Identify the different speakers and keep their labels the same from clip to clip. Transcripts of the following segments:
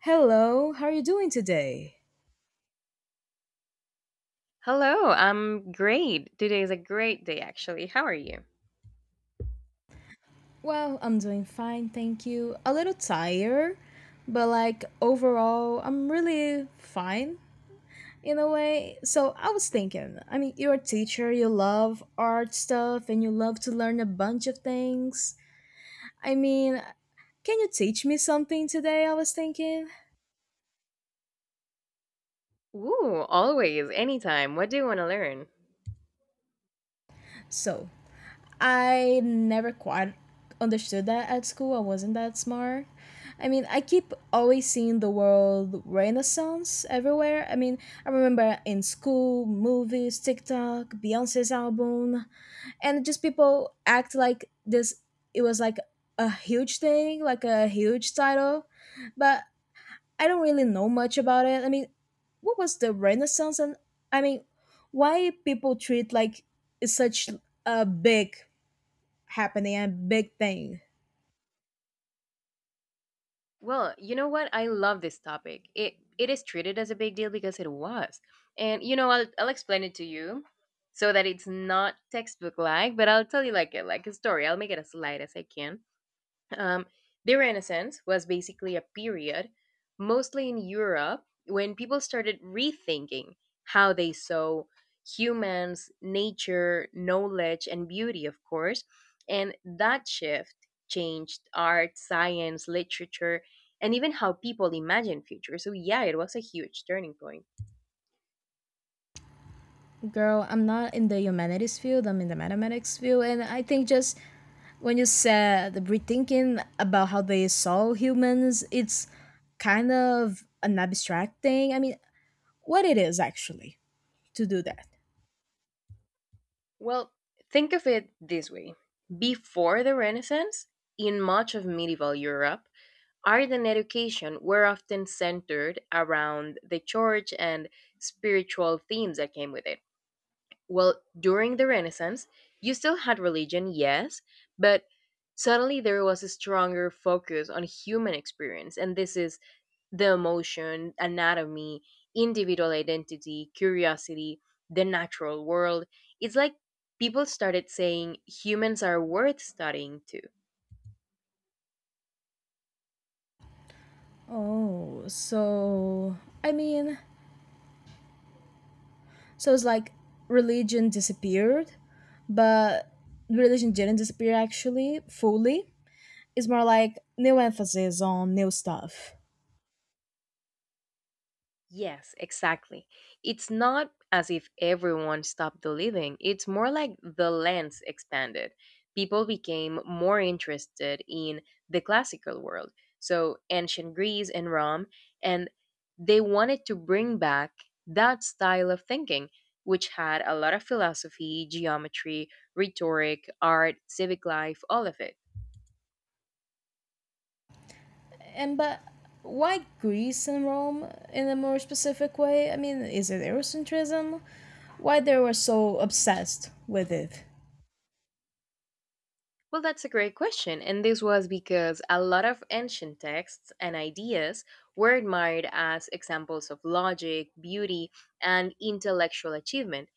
Speaker 1: Hello, how are you doing today?
Speaker 2: Hello, I'm great. Today is a great day, actually. How are you?
Speaker 1: Well, I'm doing fine, thank you. A little tired, but overall, I'm really fine in a way. So, I was thinking, I mean, you're a teacher, you love art stuff, and you love to learn a bunch of things. I mean, can you teach me something today? I was thinking.
Speaker 2: Ooh, always, anytime. What do you want to learn?
Speaker 1: So, I never quite understood that at school. I wasn't that smart. I keep always seeing the word Renaissance everywhere. I remember in school, movies, TikTok, Beyonce's album, and just people act like this, it was like a huge thing, like a huge title. But I don't really know much about it. What was the Renaissance? And I mean, why people treat like it's such a big happening and big thing.
Speaker 2: Well, you know what? I love this topic. It is treated as a big deal because it was, and you know, I'll explain it to you, so that it's not textbook like. But I'll tell you like a story. I'll make it as light as I can. Um, the Renaissance was basically a period, mostly in Europe, when people started rethinking how they saw humans, nature, knowledge, and beauty, of course. And that shift changed art, science, literature, and even how people imagine future. So, yeah, it was a huge turning point.
Speaker 1: Girl, I'm not in the humanities field, I'm in the mathematics field, and I think just when you said the rethinking about how they saw humans, it's kind of an abstract thing. What it is actually to do that.
Speaker 2: Well, think of it this way before the Renaissance, in much of medieval Europe, art and education were often centered around the church and spiritual themes that came with it. Well, during the Renaissance, you still had religion, yes, but suddenly there was a stronger focus on human experience. And this is the emotion, anatomy, individual identity, curiosity, the natural world. It's like people started saying humans are worth studying too.
Speaker 1: Oh, so I mean, so it's like religion disappeared, but religion didn't disappear actually fully. It's more like new emphasis on new stuff.
Speaker 2: Yes, exactly. It's not as if everyone stopped believing. It's more like the lens expanded. People became more interested in the classical world, so ancient Greece and Rome, and they wanted to bring back that style of thinking, which had a lot of philosophy, geometry, rhetoric, art, civic life, all of it.
Speaker 1: And but why Greece and Rome in a more specific way? Is it Eurocentrism? Why they were so obsessed with it?
Speaker 2: Well, that's a great question. And this was because a lot of ancient texts and ideas were admired as examples of logic, beauty, and intellectual achievement.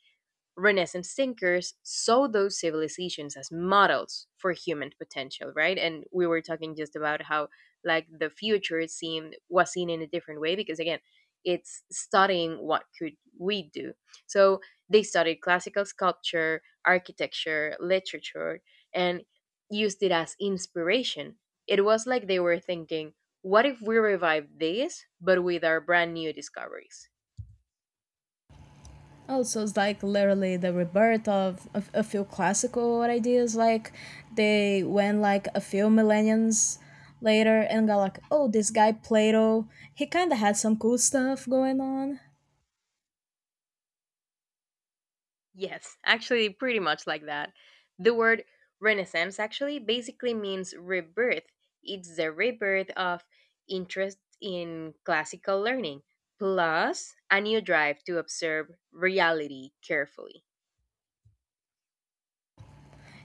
Speaker 2: Renaissance thinkers saw those civilizations as models for human potential, right? And we were talking just about how like the future seemed was seen in a different way because again, it's studying what could we do. So they studied classical sculpture, architecture, literature, and used it as inspiration. It was like they were thinking, what if we revive this but with our brand new discoveries?
Speaker 1: Also, it's like literally the rebirth of a few classical ideas. Like they went like a few millenniums later and got like, oh, this guy Plato, he kind of had some cool stuff going on.
Speaker 2: Yes, actually, pretty much like that. The word renaissance actually basically means rebirth. It's the rebirth of interest in classical learning, plus a new drive to observe reality carefully.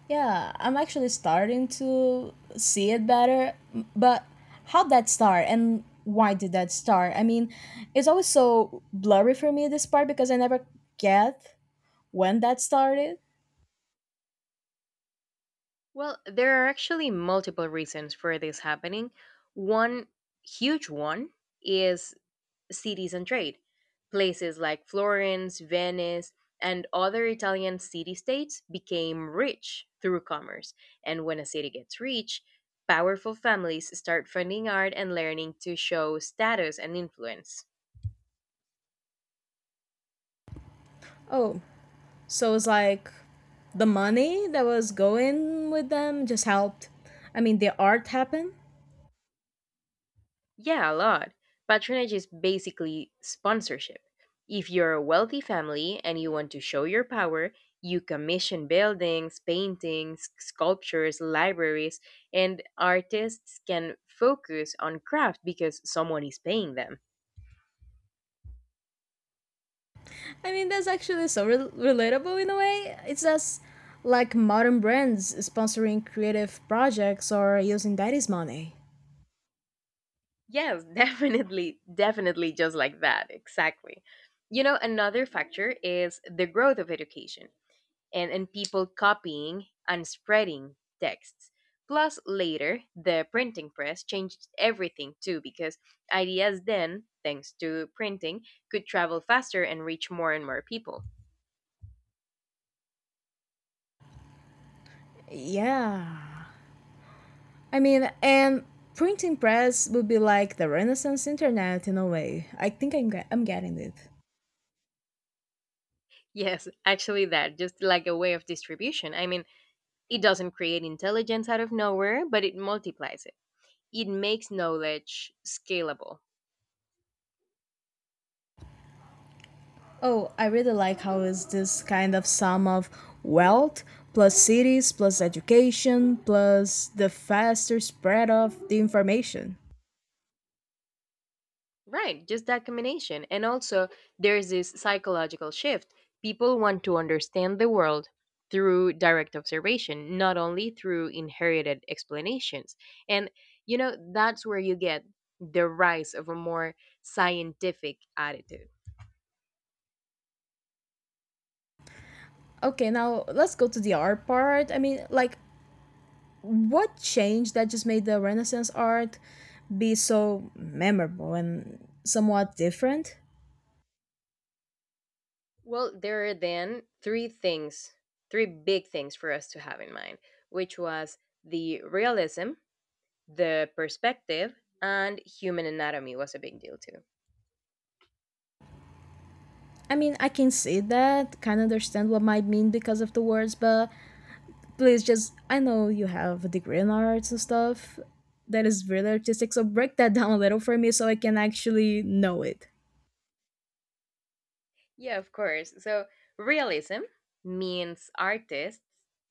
Speaker 1: Yeah, I'm actually starting to see it better. But how'd that start and why did that start? It's always so blurry for me this part because I never get when that started.
Speaker 2: Well, there are actually multiple reasons for this happening. One huge one is cities and trade. Places like Florence, Venice, and other Italian city states became rich through commerce. And when a city gets rich, powerful families start funding art and learning to show status and influence.
Speaker 1: Oh, so it's like the money that was going with them just helped. The art happened.
Speaker 2: Yeah, a lot. Patronage is basically sponsorship. If you're a wealthy family and you want to show your power, you commission buildings, paintings, sculptures, libraries, and artists can focus on craft because someone is paying them.
Speaker 1: That's actually so relatable in a way. It's just like modern brands sponsoring creative projects or using daddy's money.
Speaker 2: Yes, definitely, definitely just like that, exactly. You know, another factor is the growth of education. And people copying and spreading texts. Plus, later, the printing press changed everything too because ideas then, thanks to printing, could travel faster and reach more and more people.
Speaker 1: Yeah. And printing press would be like the Renaissance internet in a way. I think I'm getting it.
Speaker 2: Yes, actually, that just like a way of distribution. I mean, it doesn't create intelligence out of nowhere, but it multiplies it. It makes knowledge scalable.
Speaker 1: Oh, I really like how is this kind of sum of wealth plus cities plus education plus the faster spread of the information.
Speaker 2: Right, just that combination. And also, there's this psychological shift. People want to understand the world through direct observation, not only through inherited explanations. And, you know, that's where you get the rise of a more scientific attitude.
Speaker 1: Okay, now let's go to the art part. What changed that just made the Renaissance art be so memorable and somewhat different?
Speaker 2: Well, there are then three things, three big things for us to have in mind, which was the realism, the perspective, and human anatomy was a big deal too.
Speaker 1: I can see that, can understand what might mean because of the words, but please just, I know you have a degree in arts and stuff that is really artistic, so break that down a little for me so I can actually know it.
Speaker 2: Yeah, of course. So, realism means artists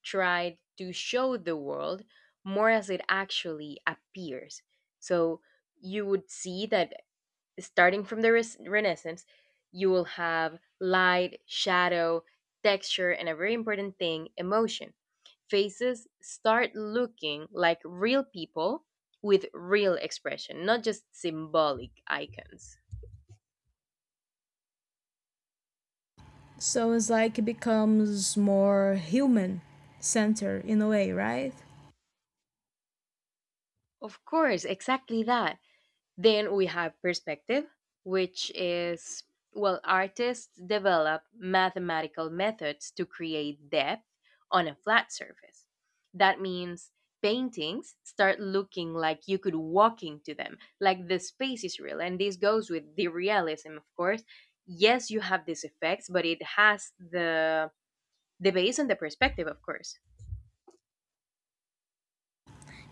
Speaker 2: tried to show the world more as it actually appears. So, you would see that starting from the Renaissance, you will have light, shadow, texture, and a very important thing emotion. Faces start looking like real people with real expression, not just symbolic icons.
Speaker 1: So it's like it becomes more human center in a way, right?
Speaker 2: Of course, exactly that. Then we have perspective, which is, well, artists develop mathematical methods to create depth on a flat surface. That means paintings start looking like you could walk into them, like the space is real. And this goes with the realism, of course. Yes, you have these effects, but it has the base and the perspective, of course.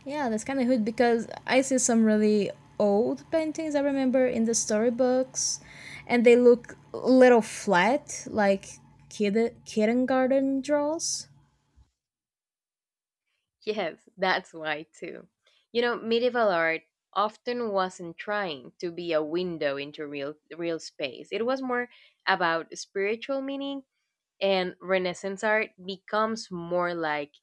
Speaker 1: Yeah, that's kind of good because I see some really old paintings I remember in the storybooks, and they look a little flat, like kindergarten draws.
Speaker 2: Yes, that's why too. You know, medieval art often wasn't trying to be a window into real space. It was more about spiritual meaning and Renaissance art becomes more like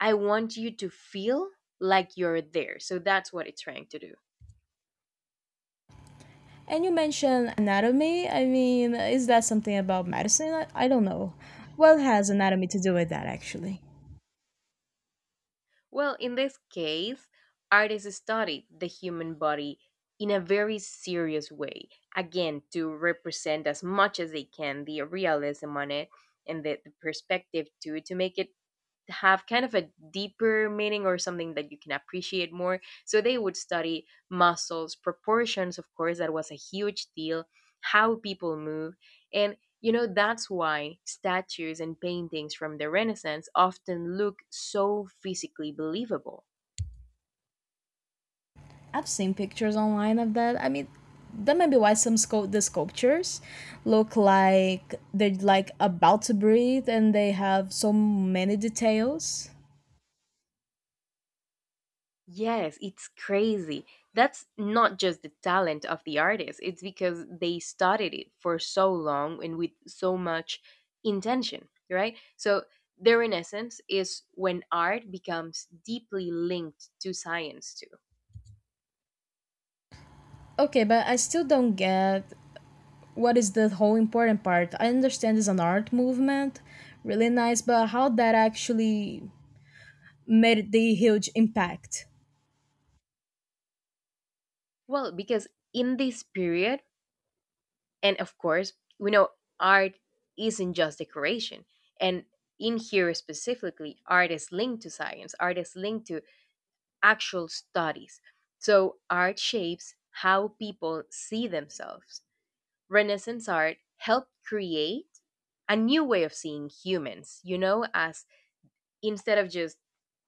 Speaker 2: I want you to feel like you're there. So that's what it's trying to do.
Speaker 1: And you mentioned anatomy. Is that something about medicine? I don't know. What has anatomy to do with that, actually?
Speaker 2: Well, in this case, artists studied the human body in a very serious way, again, to represent as much as they can the realism on it and the perspective to make it have kind of a deeper meaning or something that you can appreciate more. So they would study muscles, proportions, of course, that was a huge deal, how people move. And, you know, that's why statues and paintings from the Renaissance often look so physically believable.
Speaker 1: I've seen pictures online of that. That might be why some sculpt the sculptures look like they're like about to breathe and they have so many details.
Speaker 2: Yes, it's crazy. That's not just the talent of the artist, it's because they studied it for so long and with so much intention, right? So, their renaissance is when art becomes deeply linked to science, too.
Speaker 1: Okay, but I still don't get what is the whole important part. I understand it's an art movement, really nice, but how that actually made the huge impact.
Speaker 2: Well, because in this period, and of course, we know art isn't just decoration. And in here specifically, art is linked to science, art is linked to actual studies. So art shapes how people see themselves. Renaissance art helped create a new way of seeing humans, you know, as instead of just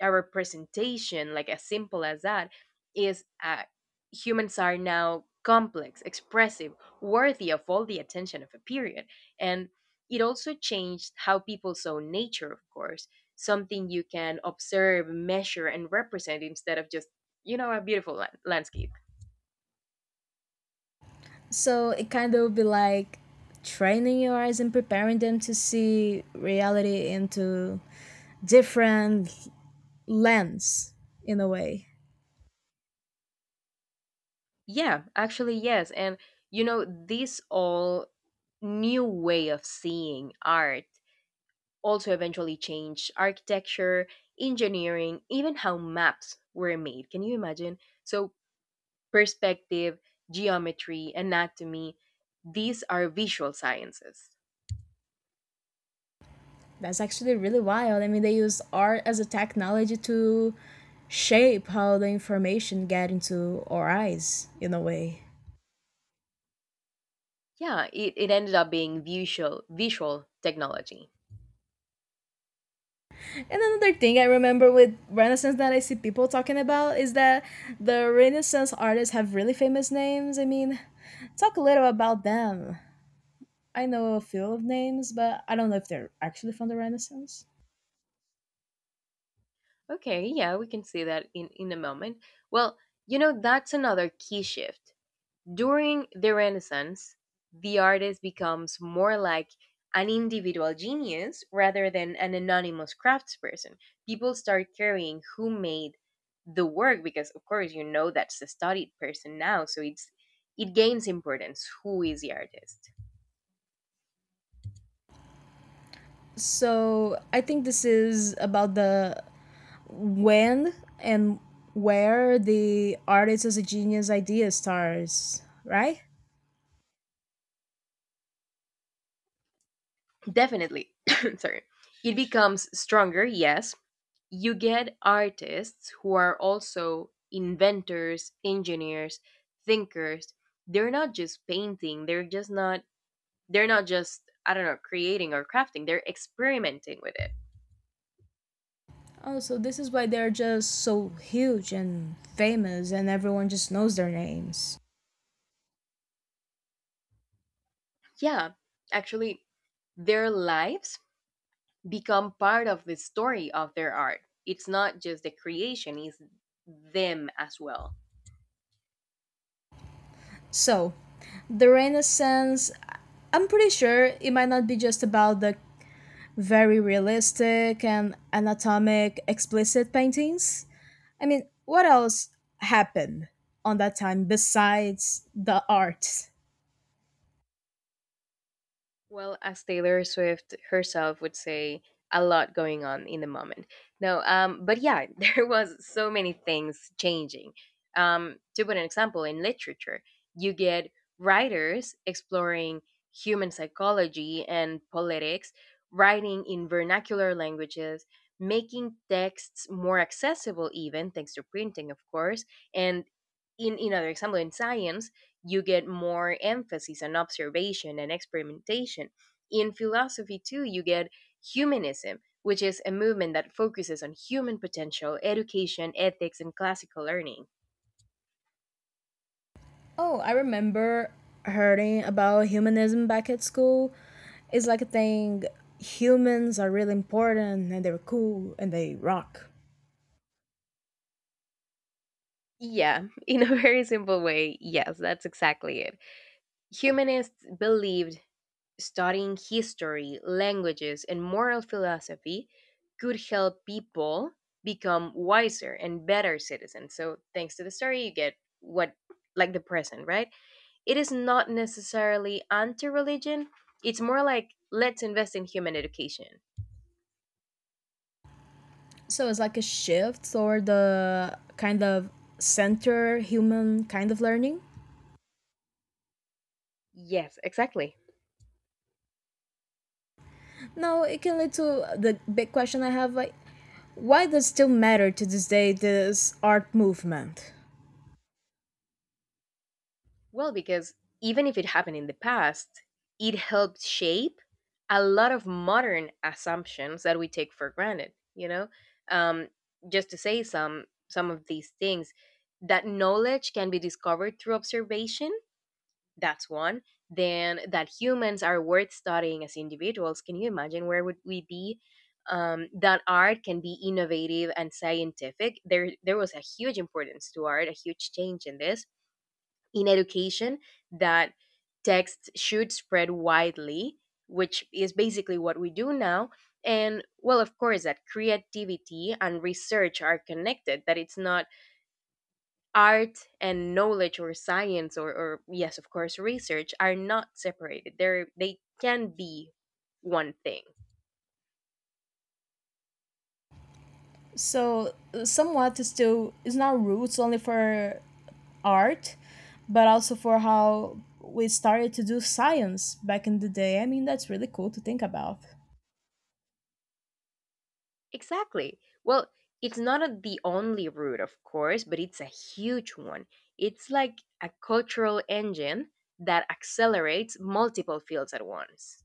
Speaker 2: a representation, like as simple as that, is humans are now complex, expressive, worthy of all the attention of a period. And it also changed how people saw nature, of course, something you can observe, measure, and represent instead of just, you know, a beautiful landscape.
Speaker 1: So it kind of be like training your eyes and preparing them to see reality into different lens in a way.
Speaker 2: Yeah, actually, yes. And, you know, this all new way of seeing art also eventually changed architecture, engineering, even how maps were made. Can you imagine? So, perspective, geometry, anatomy, these are visual sciences.
Speaker 1: That's actually really wild. They use art as a technology to shape how the information get into our eyes in a way.
Speaker 2: Yeah, it ended up being visual technology.
Speaker 1: And another thing I remember with Renaissance that I see people talking about is that the Renaissance artists have really famous names. Talk a little about them. I know a few of names, but I don't know if they're actually from the Renaissance.
Speaker 2: Okay, yeah, we can see that in a moment. Well, you know, that's another key shift. During the Renaissance, the artist becomes more like an individual genius rather than an anonymous craftsperson. People start caring who made the work because, of course, you know that's the studied person now, so it's it gains importance who is the artist.
Speaker 1: So I think this is about the when and where the artist as a genius idea starts, right?
Speaker 2: Definitely, sorry, it becomes stronger. Yes, you get artists who are also inventors, engineers, thinkers. They're not just painting; they're just not they're not just, I don't know, creating or crafting, they're experimenting with it.
Speaker 1: Oh, so this is why they're just so huge and famous, and everyone just knows their names.
Speaker 2: Yeah, actually, their lives become part of the story of their art. It's not just the creation, it's them as well.
Speaker 1: So, the Renaissance, I'm pretty sure it might not be just about the very realistic and anatomic explicit paintings. What else happened on that time besides the arts?
Speaker 2: Well, as Taylor Swift herself would say, a lot going on in the moment. No, but yeah, there was so many things changing. To put an example, in literature, you get writers exploring human psychology and politics, writing in vernacular languages, making texts more accessible, even thanks to printing, of course, and another example in science, you get more emphasis on observation and experimentation. In philosophy too you get humanism, which is a movement that focuses on human potential, education, ethics, and classical learning.
Speaker 1: Oh, I remember hearing about humanism back at school. It's like a thing humans are really important and they're cool and they rock.
Speaker 2: Yeah, in a very simple way, yes, that's exactly it. Humanists believed studying history, languages, and moral philosophy could help people become wiser and better citizens. So, thanks to the story, you get what, like the present, right? It is not necessarily anti religion, it's more like let's invest in human education.
Speaker 1: So it's like a shift toward the kind of center human kind of learning.
Speaker 2: Yes, exactly.
Speaker 1: Now it can lead to the big question I have like why does it still matter to this day this art movement?
Speaker 2: Well, because even if it happened in the past, it helped shape a lot of modern assumptions that we take for granted. You know, um, just to say some of these things, that knowledge can be discovered through observation. That's one. Then that humans are worth studying as individuals. Can you imagine where would we be? That art can be innovative and scientific. There was a huge importance to art, a huge change in this in education, that texts should spread widely, which is basically what we do now. And well, of course, that creativity and research are connected, that it's not art and knowledge or science or yes, of course, research are not separated. They can be one thing.
Speaker 1: So somewhat is still it's not roots only for art but also for how we started to do science back in the day. That's really cool to think about.
Speaker 2: Exactly. Well, it's not a, the only route, of course, but it's a huge one. It's like a cultural engine that accelerates multiple fields at once.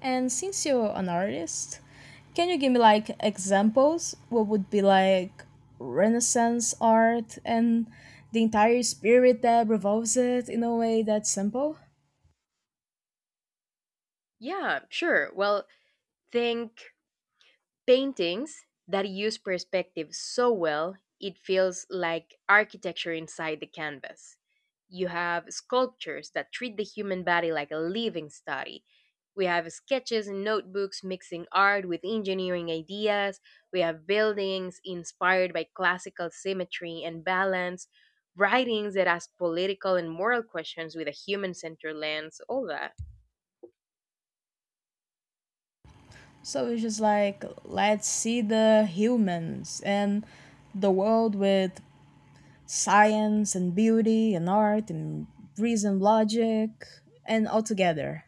Speaker 1: And since you're an artist, can you give me like examples what would be like renaissance art and the entire spirit that revolves it in a way that's simple.
Speaker 2: Yeah, sure. Well, think paintings that use perspective so well it feels like architecture inside the canvas. You have sculptures that treat the human body like a living study. We have sketches and notebooks mixing art with engineering ideas. We have buildings inspired by classical symmetry and balance, writings that ask political and moral questions with a human centered lens, all that.
Speaker 1: So it's just like let's see the humans and the world with science and beauty and art and reason, logic, and all together.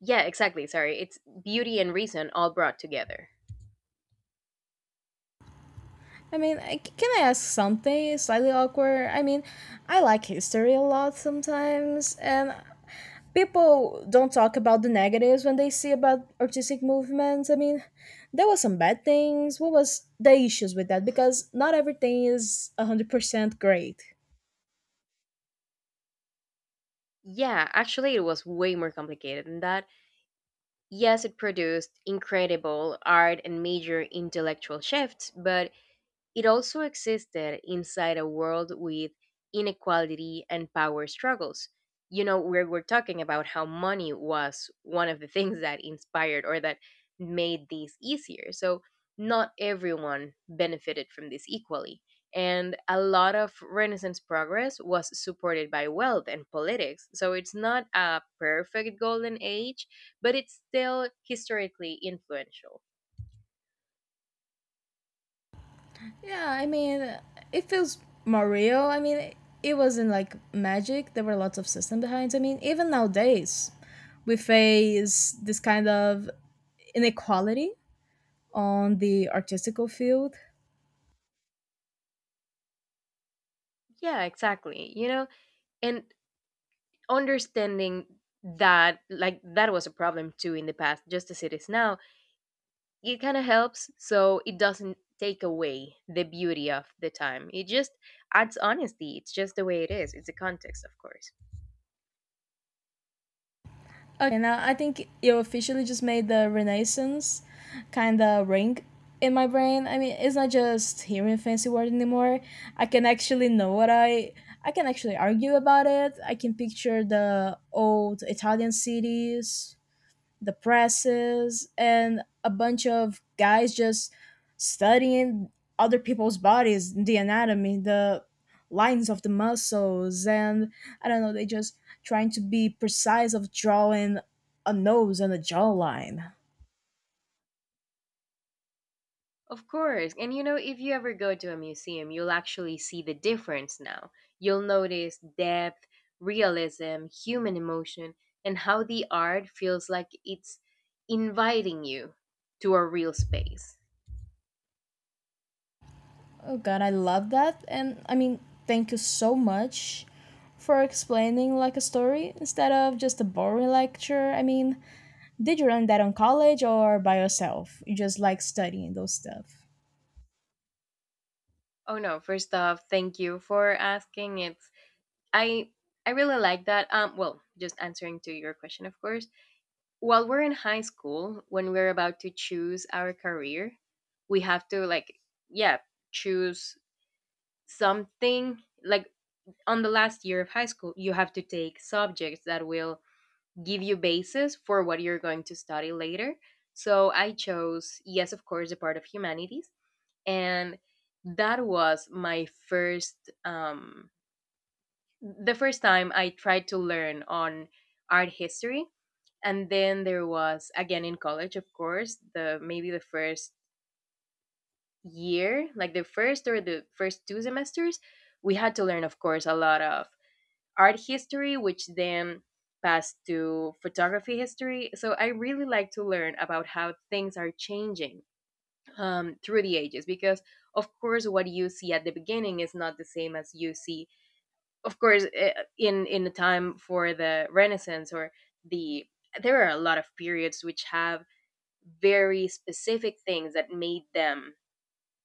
Speaker 2: Yeah, exactly. Sorry. It's beauty and reason all brought together.
Speaker 1: Can I ask something slightly awkward? I like history a lot sometimes, and people don't talk about the negatives when they see about artistic movements. There was some bad things. What was the issues with that? Because not everything is 100% great.
Speaker 2: Yeah, actually, it was way more complicated than that. Yes, it produced incredible art and major intellectual shifts, but it also existed inside a world with inequality and power struggles. You know, we're talking about how money was one of the things that inspired or that made these easier. So, not everyone benefited from this equally. And a lot of Renaissance progress was supported by wealth and politics. So, it's not a perfect golden age, but it's still historically influential.
Speaker 1: Yeah, it feels more real. It wasn't like magic. There were lots of system behind. Even nowadays, we face this kind of inequality on the artistical field.
Speaker 2: Yeah, exactly. You know, and understanding that like that was a problem too in the past just as it is now, it kind of helps, so it doesn't take away the beauty of the time, it just adds honesty, it's just the way it is, it's a context, of course.
Speaker 1: Okay, now I think you officially just made the Renaissance kind of ring in my brain. It's not just hearing fancy word anymore. I can actually know what I I can actually argue about it. I can picture the old Italian cities, the presses, and a bunch of guys just studying other people's bodies, the anatomy, the lines of the muscles, and I don't know, they just trying to be precise of drawing a nose and a jawline.
Speaker 2: Of course, and you know, if you ever go to a museum, you'll actually see the difference now. You'll notice depth, realism, human emotion, and how the art feels like it's inviting you to a real space.
Speaker 1: Oh god, I love that. Thank you so much for explaining like a story instead of just a boring lecture. Did you learn that on college or by yourself? You just like studying those stuff.
Speaker 2: Oh no, first off, thank you for asking. It's I I really like that. Well, just answering to your question, of course. While we're in high school, when we're about to choose our career, we have to like yeah, choose something like on the last year of high school, you have to take subjects that will give you basis for what you're going to study later. So I chose, yes, of course, the part of humanities and that was my first the first time I tried to learn on art history, and then there was again in college, of course, the maybe the first year, like the first or the first two semesters, we had to learn, of course, a lot of art history, which then passed to photography history. So I really like to learn about how things are changing, through the ages, because of course, what you see at the beginning is not the same as you see of course in the time for the renaissance or the there are a lot of periods which have very specific things that made them,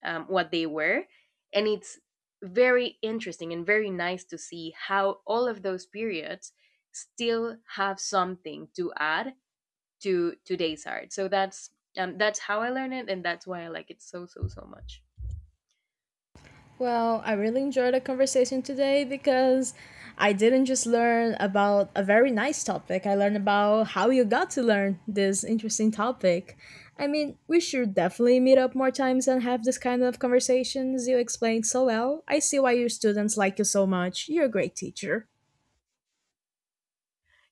Speaker 2: what they were, and it's very interesting and very nice to see how all of those periods still have something to add to today's art. So that's how I learned it and that's why I like it so so much.
Speaker 1: Well, I really enjoyed the conversation today because I didn't just learn about a very nice topic. I learned about how you got to learn this interesting topic. We should definitely meet up more times and have this kind of conversations. You explained so well. I see why your students like you so much. You're a great teacher.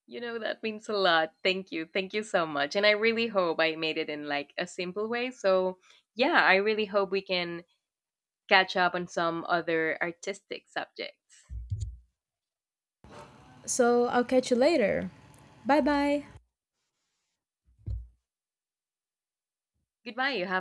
Speaker 2: You know, that means a lot. Thank you. Thank you so much. And I really hope I made it in like a simple way. So, yeah, I really hope we can catch up on some other artistic subjects.
Speaker 1: So I'll catch you later. Bye bye.
Speaker 2: Goodbye. You have